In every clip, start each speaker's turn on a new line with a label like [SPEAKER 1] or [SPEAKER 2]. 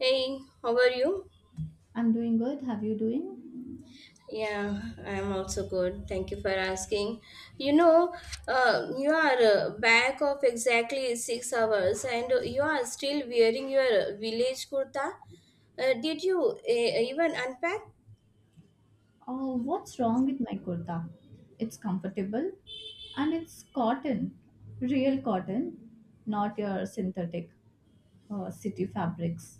[SPEAKER 1] Hey, how are you?
[SPEAKER 2] I'm doing good. Have you doing?
[SPEAKER 1] Yeah, I'm also good. Thank you for asking. You know, you are back of exactly 6 hours and you are still wearing your village kurta. Did you even unpack?
[SPEAKER 2] Oh, what's wrong with my kurta? It's comfortable and it's cotton, real cotton, not your synthetic city fabrics.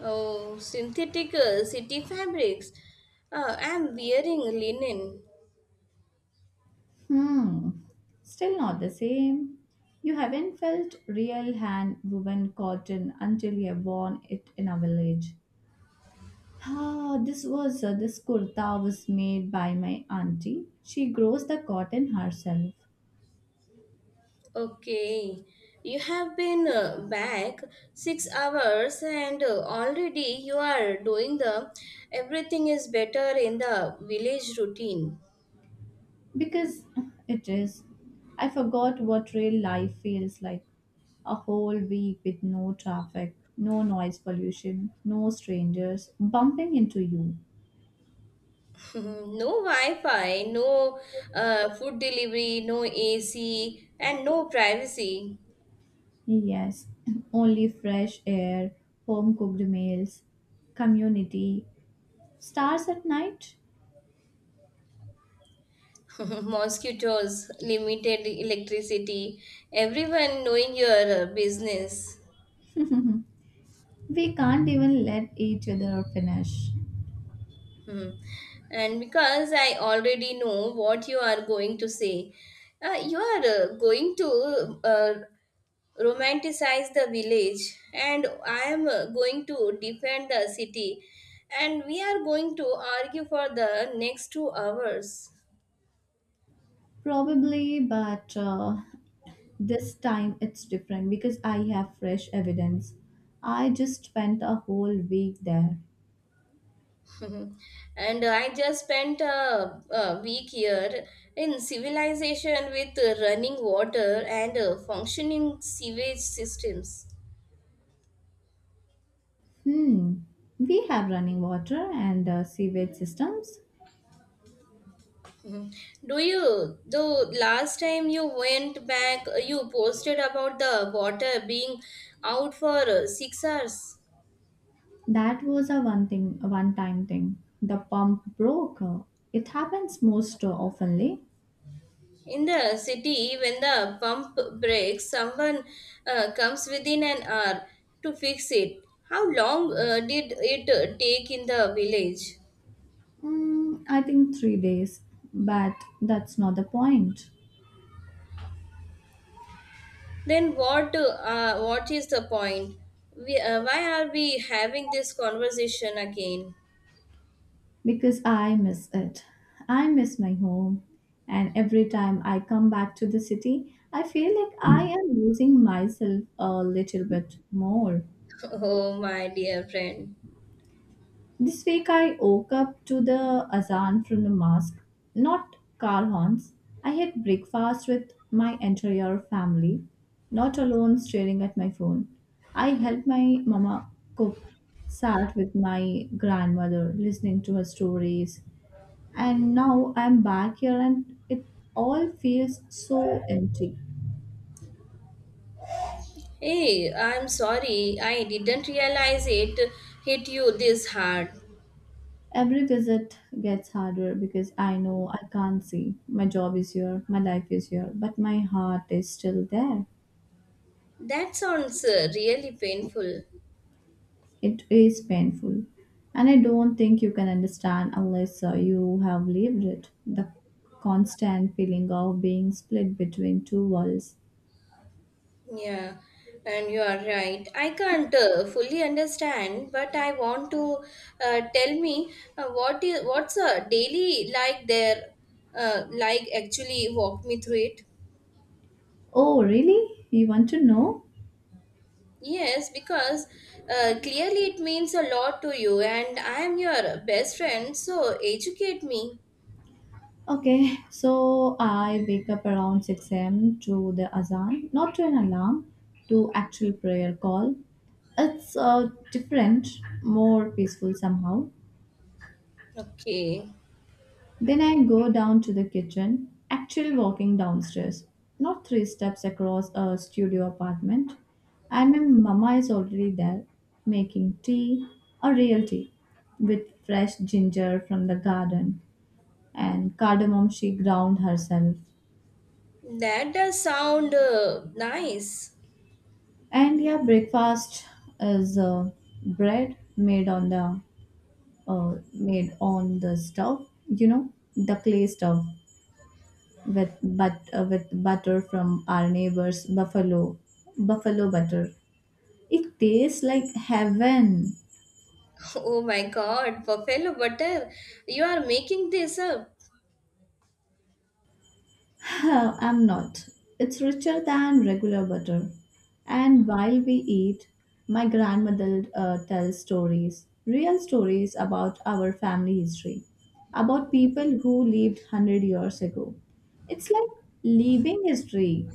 [SPEAKER 1] Oh, synthetic city fabrics. I'm wearing linen.
[SPEAKER 2] Hmm, still not the same. You haven't felt real hand woven cotton until you've worn it in a village. Ah, this kurta was made by my auntie. She grows the cotton herself.
[SPEAKER 1] Okay, you have been back 6 hours and already you are doing the everything is better in the village routine.
[SPEAKER 2] Because it is. I forgot what real life feels like. A whole week with no traffic, no noise pollution, no strangers bumping into you.
[SPEAKER 1] No Wi-Fi, no food delivery, no AC, and no privacy.
[SPEAKER 2] Yes, only fresh air, home cooked meals, community, stars at night.
[SPEAKER 1] Mosquitoes, limited electricity, everyone knowing your business.
[SPEAKER 2] We can't even let each other finish.
[SPEAKER 1] Mhm. And because I already know what you are going to say, you are going to uh, romanticize the village, and I am going to defend the city, and we are going to argue for the next 2 hours.
[SPEAKER 2] Probably, but this time it's different because I have fresh evidence. I just spent a whole week there.
[SPEAKER 1] Mhm. And I just spent a week here in civilization with running water and functioning sewage systems.
[SPEAKER 2] Hmm. We have running water and sewage systems.
[SPEAKER 1] Do you? Though last time you went back, you posted about the water being out for 6 hours.
[SPEAKER 2] That was a one thing, A one-time thing. The pump broke. It happens most oftenly.
[SPEAKER 1] In the city, when the pump breaks, someone comes within an hour to fix it. How long did it take in the village?
[SPEAKER 2] Mm, I think 3 days, but that's not the point.
[SPEAKER 1] Then what? What is the point? Why are we having this conversation again?
[SPEAKER 2] Because I miss it. I miss my home. And every time I come back to the city, I feel like I am losing myself a little bit more.
[SPEAKER 1] Oh, my dear friend.
[SPEAKER 2] This week I woke up to the azan from the mosque, not car horns. I had breakfast with my entire family, not alone staring at my phone. I helped my mama cook, sat with my grandmother listening to her stories, and now I'm back here and it all feels so empty.
[SPEAKER 1] Hey, I'm sorry, I didn't realize it hit you this hard.
[SPEAKER 2] Every visit gets harder because I know I can't see. My job is here, my life is here, but my heart is still there.
[SPEAKER 1] That sounds really painful.
[SPEAKER 2] It is painful. And I don't think you can understand unless you have lived it. The constant feeling of being split between two worlds.
[SPEAKER 1] Yeah, and you are right. I can't fully understand, but I want to tell me what's a daily like there, like actually walk me through it.
[SPEAKER 2] Oh, really? You want to know?
[SPEAKER 1] Yes, because clearly it means a lot to you, and I am your best friend, so educate me.
[SPEAKER 2] Okay, so I wake up around 6 a.m. to the azan, not to an alarm, to actual prayer call. It's different, more peaceful somehow.
[SPEAKER 1] Okay.
[SPEAKER 2] Then I go down to the kitchen, actually walking downstairs, not three steps across a studio apartment. And my mama is already there, making tea, a real tea, with fresh ginger from the garden and cardamom she ground herself.
[SPEAKER 1] That does sound nice.
[SPEAKER 2] And yeah, breakfast is bread made on the stove, you know, the clay stove with butter from our neighbors buffalo butter. It tastes like heaven.
[SPEAKER 1] Oh my god, buffalo butter. You are making this up.
[SPEAKER 2] I'm not. It's richer than regular butter. And while we eat, my grandmother tells stories, real stories about our family history, about people who lived 100 years ago. It's like living history.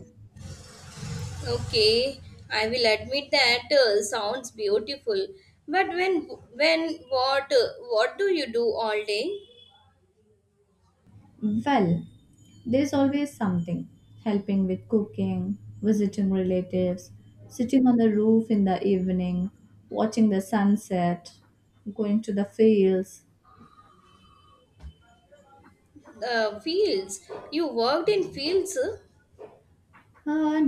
[SPEAKER 1] Okay, I will admit that sounds beautiful. But when what do you do all day?
[SPEAKER 2] Well, there's always something helping with cooking, visiting relatives, sitting on the roof in the evening, watching the sunset, going to the fields.
[SPEAKER 1] Fields. You worked in fields?
[SPEAKER 2] Uh,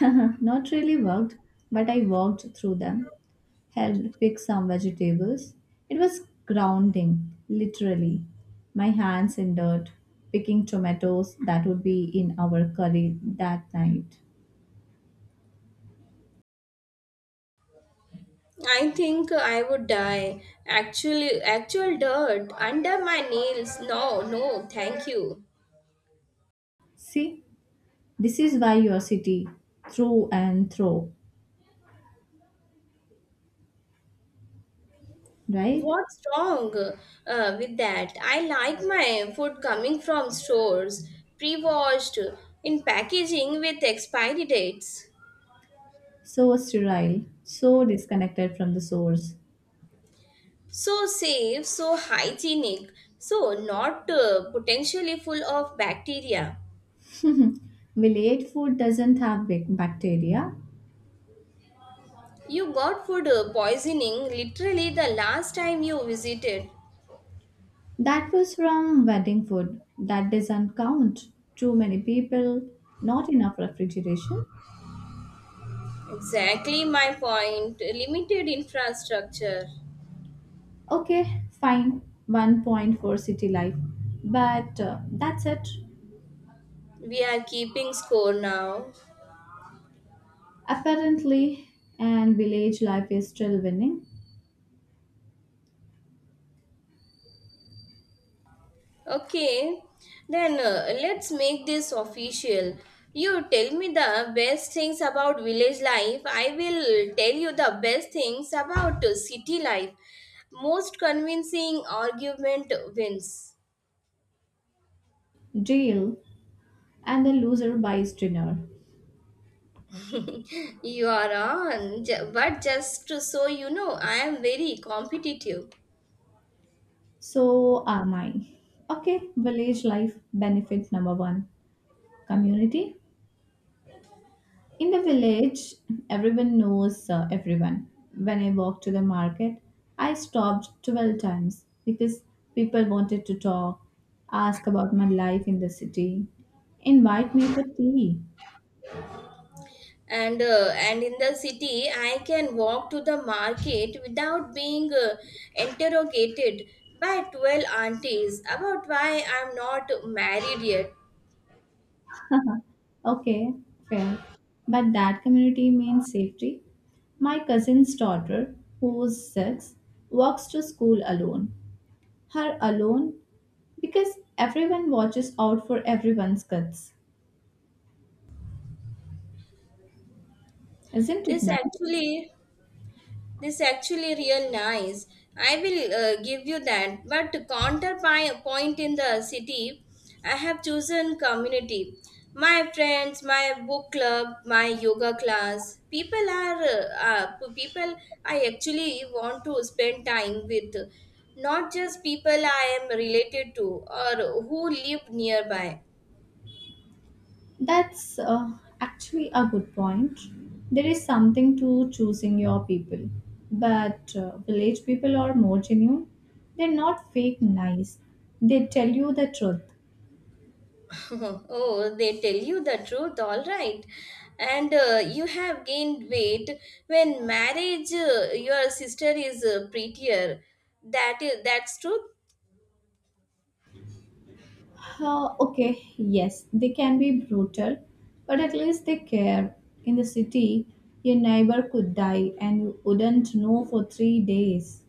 [SPEAKER 2] not really worked, but I walked through them, helped pick some vegetables. It was grounding, literally. My hands in dirt, picking tomatoes that would be in our curry that night.
[SPEAKER 1] I think I would die. Actually, actual dirt under my nails. No, no, thank you.
[SPEAKER 2] See, this is why your city, through and through, right?
[SPEAKER 1] What's wrong with that? I like my food coming from stores, pre-washed, in packaging with expiry dates.
[SPEAKER 2] So sterile, so disconnected from the source.
[SPEAKER 1] So safe, so hygienic, so not potentially full of bacteria.
[SPEAKER 2] Village food doesn't have bacteria.
[SPEAKER 1] You got food poisoning literally the last time you visited.
[SPEAKER 2] That was from wedding food. That doesn't count. Too many people, not enough refrigeration.
[SPEAKER 1] Exactly my point. Limited infrastructure.
[SPEAKER 2] Okay, fine. One point for city life. But that's it.
[SPEAKER 1] We are keeping score now.
[SPEAKER 2] Apparently, and village life is still winning.
[SPEAKER 1] Okay, then let's make this official. You tell me the best things about village life. I will tell you the best things about city life. Most convincing argument wins.
[SPEAKER 2] Jail, and the loser buys dinner.
[SPEAKER 1] You are on, but just to so you know, I am very competitive.
[SPEAKER 2] So am I. Okay, village life benefit number one, community. In the village, everyone knows everyone. When I walked to the market, I stopped 12 times because people wanted to talk, ask about my life in the city, invite me for tea.
[SPEAKER 1] And in the city I can walk to the market without being interrogated by 12 aunties about why I'm not married yet.
[SPEAKER 2] Okay, fair. But that community means safety. My cousin's daughter, who was 6, walks to school alone. Her alone because everyone watches out for everyone's kids. Isn't it
[SPEAKER 1] this
[SPEAKER 2] nice?
[SPEAKER 1] actually This actually real nice. I will give you that. But counterpoint in the city, I have chosen community. My friends, my book club, my yoga class. People I actually want to spend time with, not just people I am related to or who live nearby.
[SPEAKER 2] That's actually a good point. There is something to choosing your people. But village people are more genuine. They're not fake nice. They tell you the truth.
[SPEAKER 1] Oh, they tell you the truth, all right. And you have gained weight when marriage, your sister is prettier. That's truth.
[SPEAKER 2] Okay, yes, they can be brutal, but at least they care. In the city, your neighbor could die and you wouldn't know for 3 days.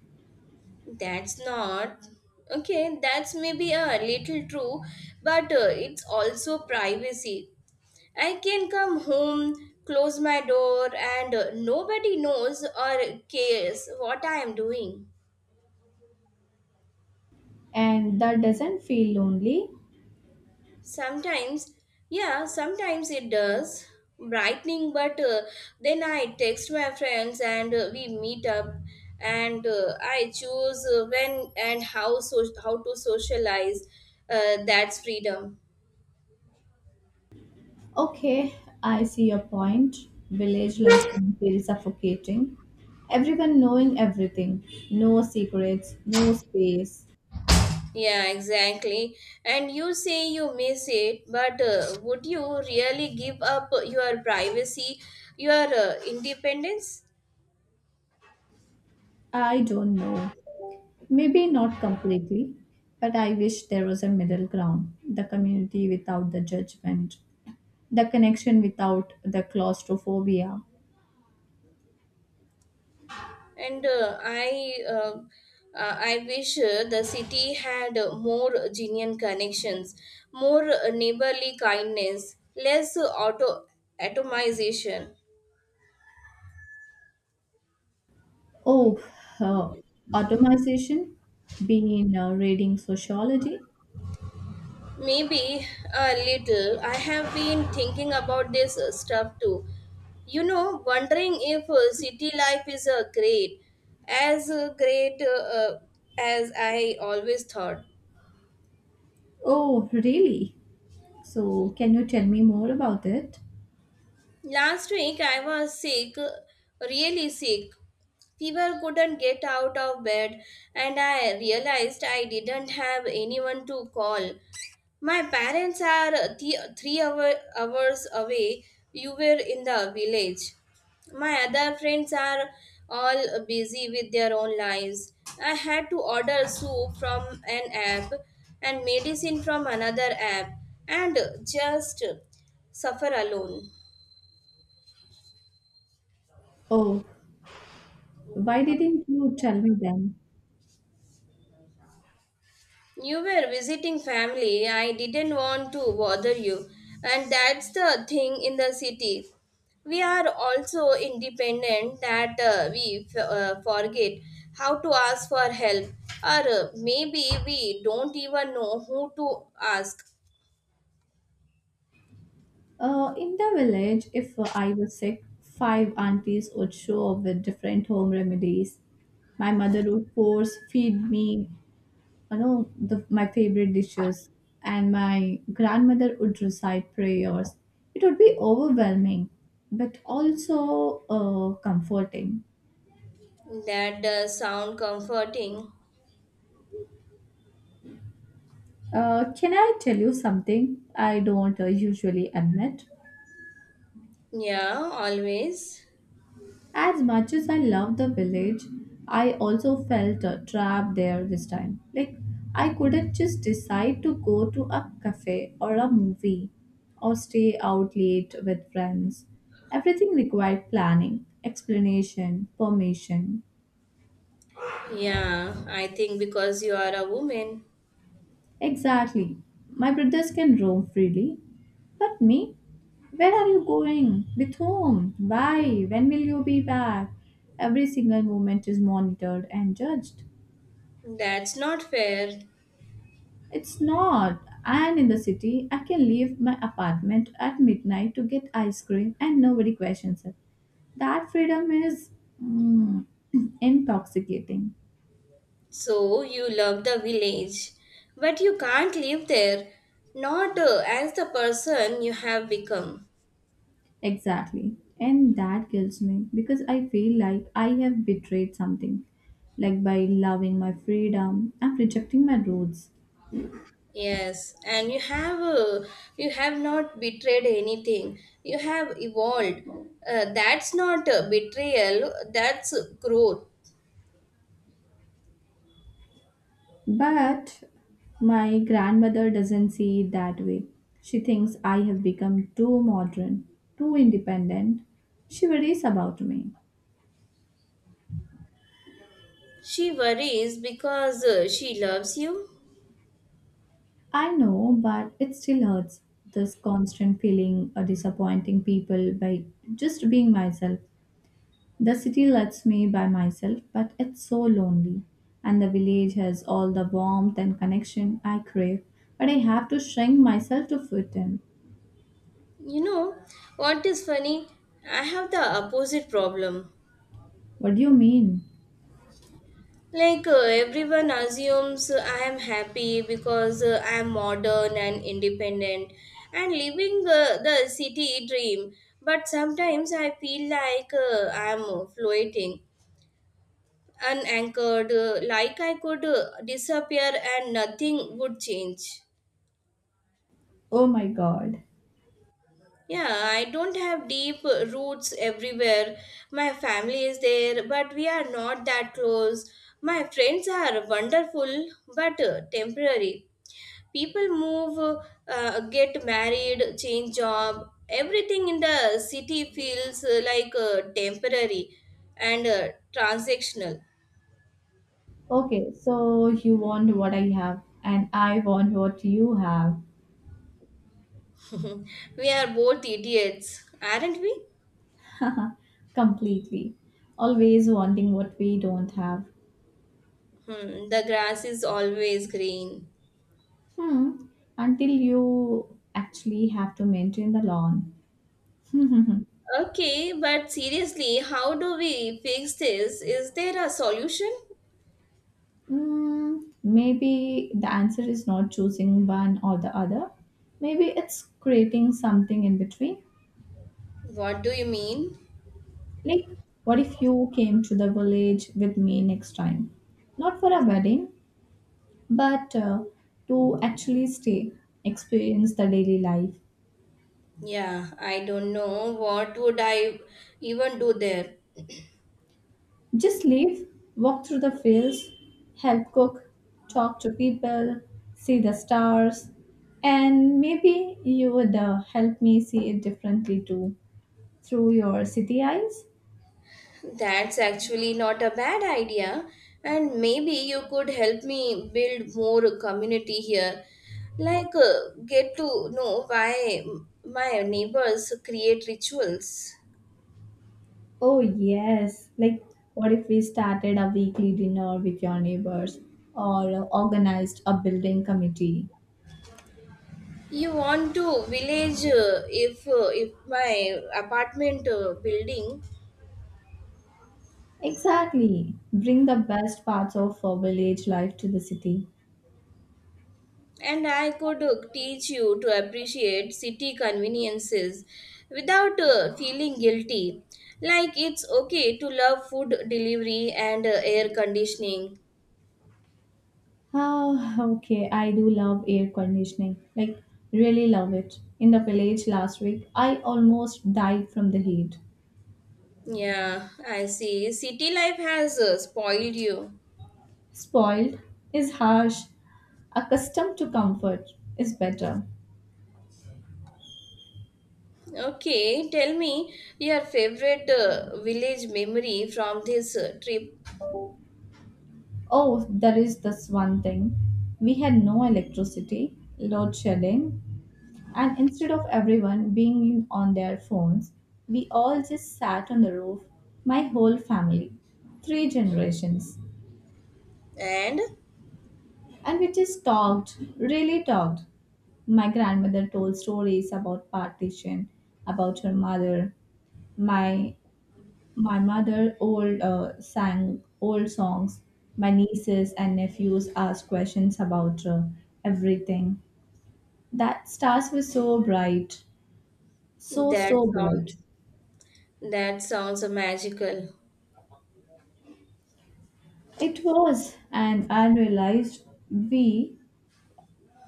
[SPEAKER 1] That's not. Okay, that's maybe a little true, but it's also privacy. I can come home, close my door, and nobody knows or cares what I am doing.
[SPEAKER 2] And that doesn't feel lonely.
[SPEAKER 1] Sometimes, yeah, sometimes it does. Brightening, but then I text my friends and we meet up, and I choose when and how to socialize. That's freedom.
[SPEAKER 2] Okay, I see your point. Village life can feel suffocating. Everyone knowing everything. No secrets, no space.
[SPEAKER 1] Yeah, exactly. And you say you miss it, but would you really give up your privacy, your independence?
[SPEAKER 2] I don't know. Maybe not completely, but I wish there was a middle ground. The community without the judgment, the connection without the claustrophobia.
[SPEAKER 1] And I wish the city had more genuine connections, more neighborly kindness, less auto atomization.
[SPEAKER 2] Oh, uh, automation? Been reading sociology?
[SPEAKER 1] Maybe a little. I have been thinking about this stuff too, you know, wondering if city life is great as I always thought.
[SPEAKER 2] Oh, really? So, can you tell me more about it?
[SPEAKER 1] Last week I was sick, really sick. Fever, couldn't get out of bed, and I realized I didn't have anyone to call. My parents are hours away. You were in the village. My other friends are all busy with their own lives. I had to order soup from an app and medicine from another app and just suffer alone.
[SPEAKER 2] Oh, why didn't you tell me then?
[SPEAKER 1] You were visiting family. I didn't want to bother you. And that's the thing in the city. We are also independent that forget how to ask for help, or maybe we don't even know who to ask.
[SPEAKER 2] In the village, if I was sick, five aunties would show up with different home remedies. My mother would force feed me, you know, my favorite dishes, and my grandmother would recite prayers. It would be overwhelming, but also comforting.
[SPEAKER 1] That does sound comforting.
[SPEAKER 2] Can I tell you something I don't usually admit?
[SPEAKER 1] Yeah, always.
[SPEAKER 2] As much as I love the village, I also felt trapped there this time. Like, I couldn't just decide to go to a cafe or a movie or stay out late with friends. Everything required planning, explanation, permission.
[SPEAKER 1] Yeah, I think because you are a woman,
[SPEAKER 2] Exactly. My brothers can roam freely. But me? Where are you going? With whom? Why? When will you be back? Every single moment is monitored and judged.
[SPEAKER 1] that's not fair.
[SPEAKER 2] It's not. And in the city, I can leave my apartment at midnight to get ice cream and nobody questions it. That freedom is mm, intoxicating.
[SPEAKER 1] So you love the village, but you can't live there, not as the person you have become.
[SPEAKER 2] Exactly. And that kills me because I feel like I have betrayed something. Like by loving my freedom, I'm rejecting my roots.
[SPEAKER 1] Yes, and you have not betrayed anything. You have evolved. That's not betrayal. That's growth.
[SPEAKER 2] But my grandmother doesn't see it that way. She thinks I have become too modern, too independent. She worries about me.
[SPEAKER 1] She worries because she loves you.
[SPEAKER 2] I know, but it still hurts. This constant feeling of disappointing people by just being myself. The city lets me by myself, but it's so lonely. And the village has all the warmth and connection I crave, but I have to shrink myself to fit in.
[SPEAKER 1] You know what is funny? I have the opposite problem.
[SPEAKER 2] What do you mean?
[SPEAKER 1] Like everyone assumes I am happy because I am modern and independent and living the city dream. But sometimes I feel like I am floating, unanchored, like I could disappear and nothing would change.
[SPEAKER 2] Oh my god.
[SPEAKER 1] Yeah, I don't have deep roots everywhere. My family is there, but we are not that close. My friends are wonderful, but temporary. People move, get married, change job. Everything in the city feels like temporary and transactional.
[SPEAKER 2] Okay, so you want what I have, and I want what you have.
[SPEAKER 1] We are both idiots, aren't we?
[SPEAKER 2] Completely. Always wanting what we don't have.
[SPEAKER 1] Hmm, the grass is always green.
[SPEAKER 2] Hmm. Until you actually have to maintain the lawn.
[SPEAKER 1] Okay, but seriously, how do we fix this? Is there a solution?
[SPEAKER 2] Hmm. Maybe the answer is not choosing one or the other. Maybe it's creating something in between.
[SPEAKER 1] What do you mean?
[SPEAKER 2] Like, what if you came to the village with me next time? Not for a wedding, but to actually stay, experience the daily life,
[SPEAKER 1] Yeah, I don't know, what would I even do there?
[SPEAKER 2] just leave, walk through the fields, help cook, talk to people, see the stars, and maybe you would help me see it differently too through your city eyes.
[SPEAKER 1] That's actually not a bad idea, and maybe you could help me build more community here. Like, get to know why my neighbors create rituals.
[SPEAKER 2] Oh, yes. Like, what if we started a weekly dinner with your neighbors or organized a building committee?
[SPEAKER 1] You want to village if if my apartment building.
[SPEAKER 2] Exactly. Bring the best parts of village life to the city.
[SPEAKER 1] And I could teach you to appreciate city conveniences without feeling guilty. Like, it's okay to love food delivery and air conditioning.
[SPEAKER 2] Ah, okay. I do love air conditioning. Like, really love it. In the village last week, I almost died from the heat.
[SPEAKER 1] Yeah, I see. City life has spoiled you.
[SPEAKER 2] Spoiled is harsh. Accustomed to comfort is better.
[SPEAKER 1] Okay, tell me your favorite village memory from this trip.
[SPEAKER 2] Oh, there is this one thing. We had no electricity, load shedding, and instead of everyone being on their phones, we all just sat on the roof, my whole family, three generations.
[SPEAKER 1] And
[SPEAKER 2] And we just talked, really talked. My grandmother told stories about partition, about her mother. My my mother old sang old songs. My nieces and nephews asked questions about everything. That stars were so bright,
[SPEAKER 1] that
[SPEAKER 2] so bright.
[SPEAKER 1] sounds that sounds magical.
[SPEAKER 2] It was, and I realized we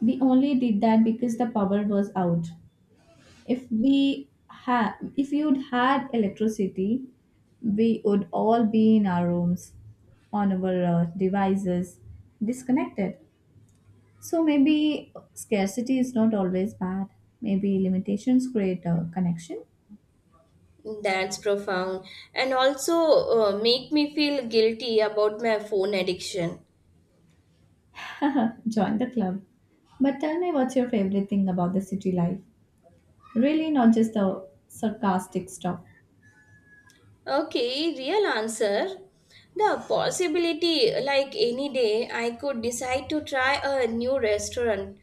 [SPEAKER 2] we only did that because the power was out. If you'd had electricity, we would all be in our rooms, on our devices, disconnected. So maybe scarcity is not always bad. Maybe limitations create a connection.
[SPEAKER 1] That's profound, and also make me feel guilty about my phone addiction.
[SPEAKER 2] Join the club. But tell me what's your favorite thing about the city life? Really, not just the sarcastic stuff.
[SPEAKER 1] Okay, real answer. The possibility, like any day, I could decide to try a new restaurant,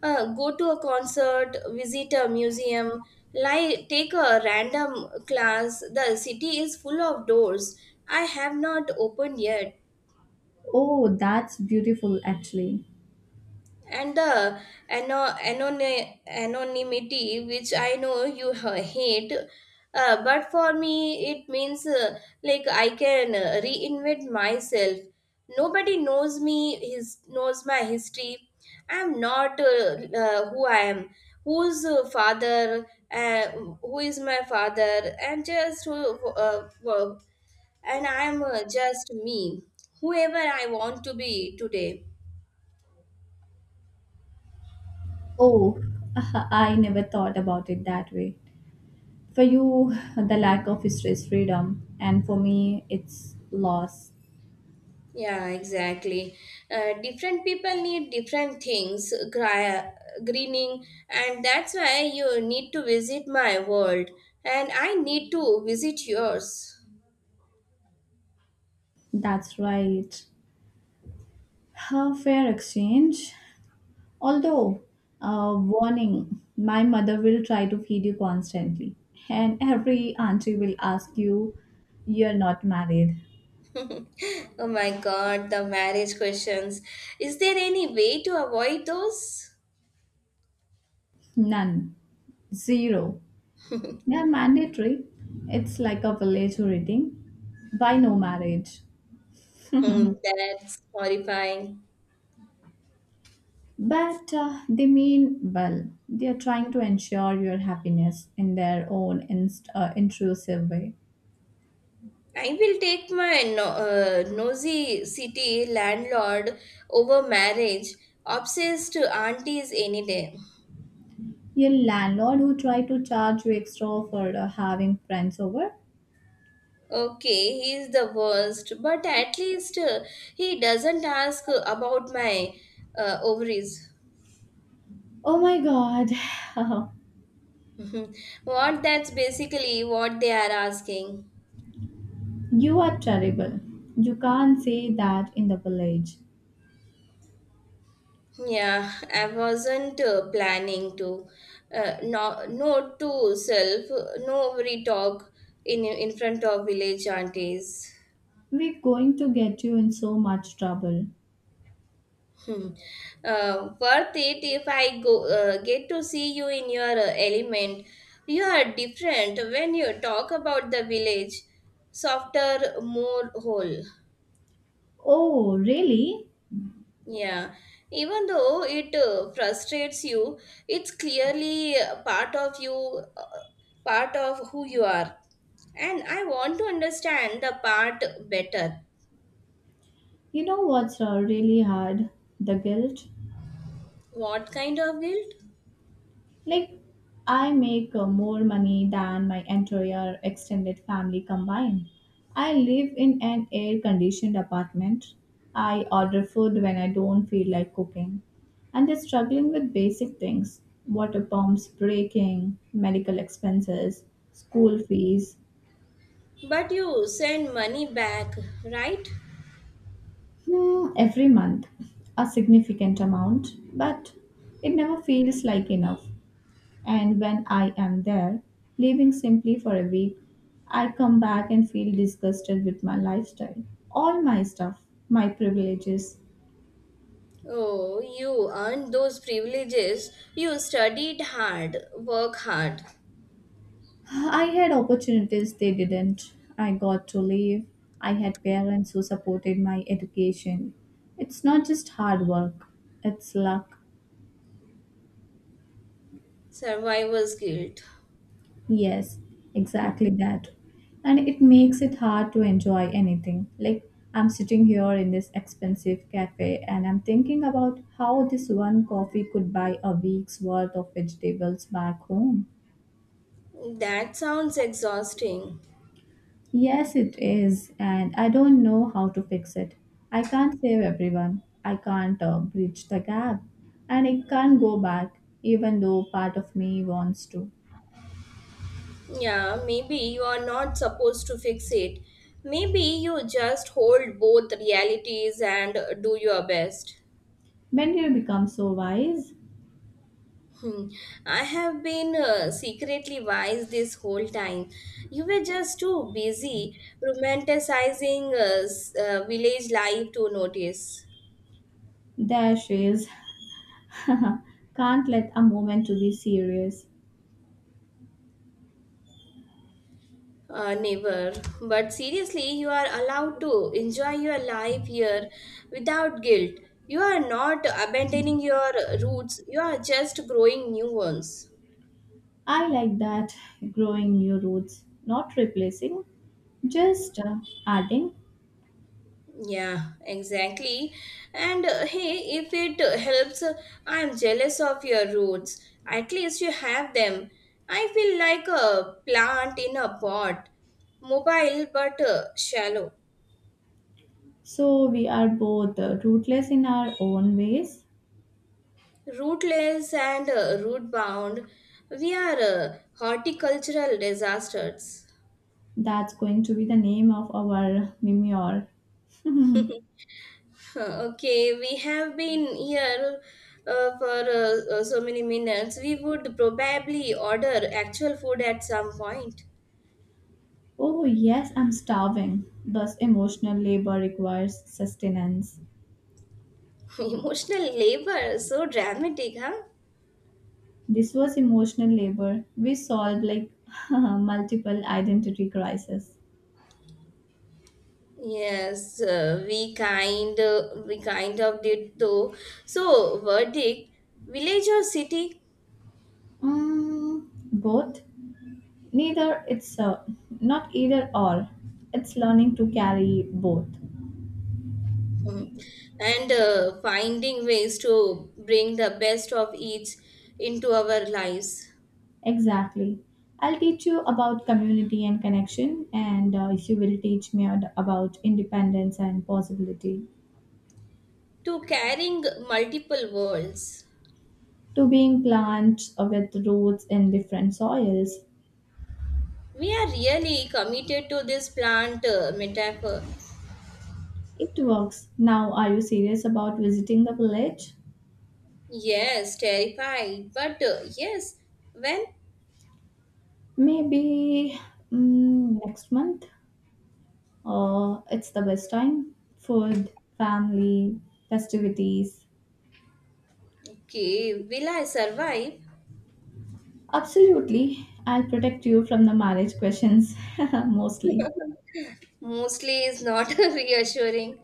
[SPEAKER 1] go to a concert, visit a museum, like take a random class. The city is full of doors I have not opened yet.
[SPEAKER 2] Oh, that's beautiful actually.
[SPEAKER 1] And the anonymity, which I know you hate, but for me it means like I can reinvent myself. Nobody knows me, his knows my history. I'm not who I am whose father uh, who is my father, and just who and I'm just me, whoever I want to be today.
[SPEAKER 2] Oh, I never thought about it that way. For you, the lack of stress freedom, and for me, it's loss.
[SPEAKER 1] Yeah, exactly. Different people need different things, greening, and that's why you need to visit my world, and I need to visit yours.
[SPEAKER 2] That's right. A fair exchange. Although, warning, my mother will try to feed you constantly, and every auntie will ask you, you're not married.
[SPEAKER 1] Oh my god, the marriage questions. Is there any way to avoid those?
[SPEAKER 2] None. Zero. They are mandatory. It's like a village rating. Why no marriage?
[SPEAKER 1] Hmm, that's horrifying.
[SPEAKER 2] But they mean well. They are trying to ensure your happiness in their own intrusive way.
[SPEAKER 1] I will take my nosy city landlord over marriage, obsessed aunties any day.
[SPEAKER 2] Your landlord who tried to charge you extra for having friends over?
[SPEAKER 1] Okay, he is the worst, but at least he doesn't ask about my ovaries.
[SPEAKER 2] Oh my god,
[SPEAKER 1] What, that's basically what they are asking.
[SPEAKER 2] you are terrible. You can't say that in the village.
[SPEAKER 1] Yeah, I wasn't planning to. No, no to self, no ovary talk in front of village aunties.
[SPEAKER 2] We're going to get you in so much trouble.
[SPEAKER 1] Hmm. Worth it if I go get to see you in your element. You are different when you talk about the village, softer, more whole.
[SPEAKER 2] Oh, really?
[SPEAKER 1] Yeah, even though it frustrates you, it's clearly part of you, uh, part of who you are. And I want to understand the part better.
[SPEAKER 2] You know what's really hard? The guilt.
[SPEAKER 1] What kind of guilt?
[SPEAKER 2] Like, I make more money than my entire extended family combined. I live in an air conditioned apartment. I order food when I don't feel like cooking. And they're struggling with basic things, water pumps breaking, medical expenses, school fees.
[SPEAKER 1] But you send money back, right?
[SPEAKER 2] Hmm, every month, a significant amount, but it never feels like enough. And when I am there, leaving simply for a week, I come back and feel disgusted with my lifestyle, all my stuff, my privileges.
[SPEAKER 1] Oh, you earned those privileges. You studied hard, work hard.
[SPEAKER 2] I had opportunities they didn't. I got to leave. I had parents who supported my education. It's not just hard work, it's luck.
[SPEAKER 1] Survivor's guilt.
[SPEAKER 2] Yes, exactly that. And it makes it hard to enjoy anything. Like, I'm sitting here in this expensive cafe and I'm thinking about how this one coffee could buy a week's worth of vegetables back home.
[SPEAKER 1] That sounds exhausting.
[SPEAKER 2] Yes, it is, and I don't know how to fix it. I can't save everyone, I can't bridge the gap, and I can't go back, even though part of me wants to.
[SPEAKER 1] Yeah, maybe you are not supposed to fix it. Maybe you just hold both realities and do your best.
[SPEAKER 2] When do you become so wise?
[SPEAKER 1] Hmm. I have been secretly wise this whole time. You were just too busy romanticizing village life to notice.
[SPEAKER 2] There she is. Can't let a moment to be serious.
[SPEAKER 1] Never. But seriously, you are allowed to enjoy your life here without guilt. You are not abandoning your roots, you are just growing new ones.
[SPEAKER 2] I like that growing new roots, not replacing, just adding.
[SPEAKER 1] Yeah, exactly. And hey, if it helps, I am jealous of your roots. At least you have them. I feel like a plant in a pot, mobile but shallow.
[SPEAKER 2] So we are both rootless in our own ways.
[SPEAKER 1] Rootless and root bound, we are horticultural disasters.
[SPEAKER 2] That's going to be the name of our memoir.
[SPEAKER 1] Okay, we have been here for so many minutes. We would probably order actual food at some point.
[SPEAKER 2] Oh, yes, I'm starving. Thus, emotional labor requires sustenance.
[SPEAKER 1] Emotional labor, so dramatic, huh?
[SPEAKER 2] This was emotional labor. We solved like multiple identity crises.
[SPEAKER 1] Yes, we kind of did though. So, verdict: village or city?
[SPEAKER 2] Mm, both. Neither. It's not either or. It's learning to carry both.
[SPEAKER 1] Mm. And finding ways to bring the best of each into our lives,
[SPEAKER 2] Exactly. I'll teach you about community and connection, and you will teach me ad- about independence and possibility.
[SPEAKER 1] to carrying multiple worlds.
[SPEAKER 2] To being plants with roots in different soils.
[SPEAKER 1] We are really committed to this plant metaphor.
[SPEAKER 2] It works. Now, are you serious about visiting the village?
[SPEAKER 1] Yes, terrified, but yes, when?
[SPEAKER 2] Maybe next month? It's the best time. Food, family, festivities.
[SPEAKER 1] Okay, will I survive?
[SPEAKER 2] Absolutely. I'll protect you from the marriage questions, mostly.
[SPEAKER 1] Mostly is not reassuring.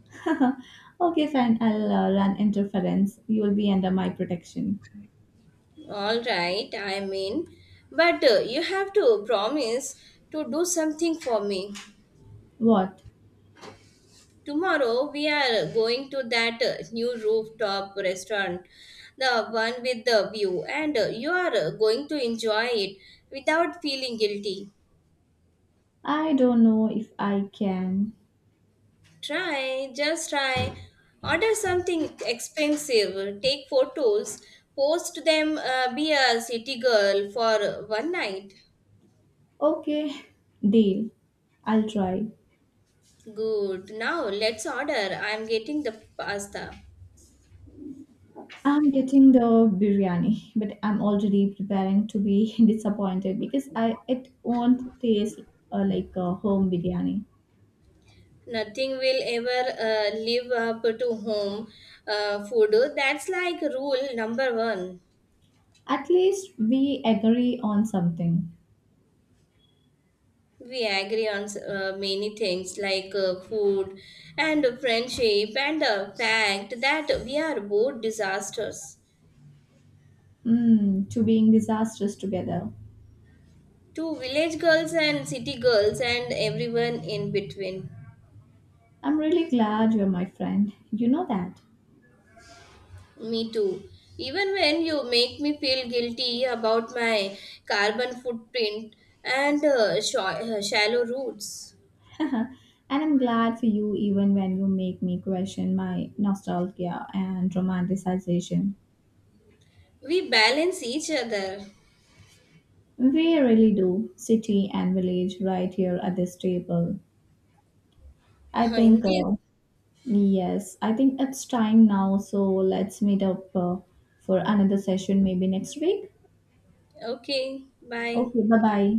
[SPEAKER 2] okay, fine. I'll run interference. You'll be under my protection.
[SPEAKER 1] All right, I mean, but you have to promise to do something for me.
[SPEAKER 2] What?
[SPEAKER 1] Tomorrow we are going to that new rooftop restaurant, the one with the view, and you are going to enjoy it without feeling guilty.
[SPEAKER 2] I don't know if I can.
[SPEAKER 1] Try, just try. Order something expensive, take photos, post them, be a city girl for one night.
[SPEAKER 2] Okay, deal. I'll try.
[SPEAKER 1] Good. Now let's order. I'm getting the pasta.
[SPEAKER 2] I'm getting the biryani, but I'm already preparing to be disappointed because I it won't taste like a home biryani.
[SPEAKER 1] Nothing will ever live up to home food. That's like rule number one.
[SPEAKER 2] At least we agree on something.
[SPEAKER 1] We agree on many things, like food and friendship and the fact that we are both disasters.
[SPEAKER 2] Mm, to being disastrous together.
[SPEAKER 1] To village girls and city girls and everyone in between.
[SPEAKER 2] I'm really glad you're my friend. You know that.
[SPEAKER 1] Me too, even when you make me feel guilty about my carbon footprint and shallow roots.
[SPEAKER 2] and I'm glad for you even when you make me question my nostalgia and romanticization.
[SPEAKER 1] We balance each other.
[SPEAKER 2] We really do, city and village, right here at this table. I
[SPEAKER 1] In
[SPEAKER 2] think,
[SPEAKER 1] this,
[SPEAKER 2] yes, I think it's time now, so let's meet up for another session maybe next week.
[SPEAKER 1] okay, bye.
[SPEAKER 2] Okay, bye bye.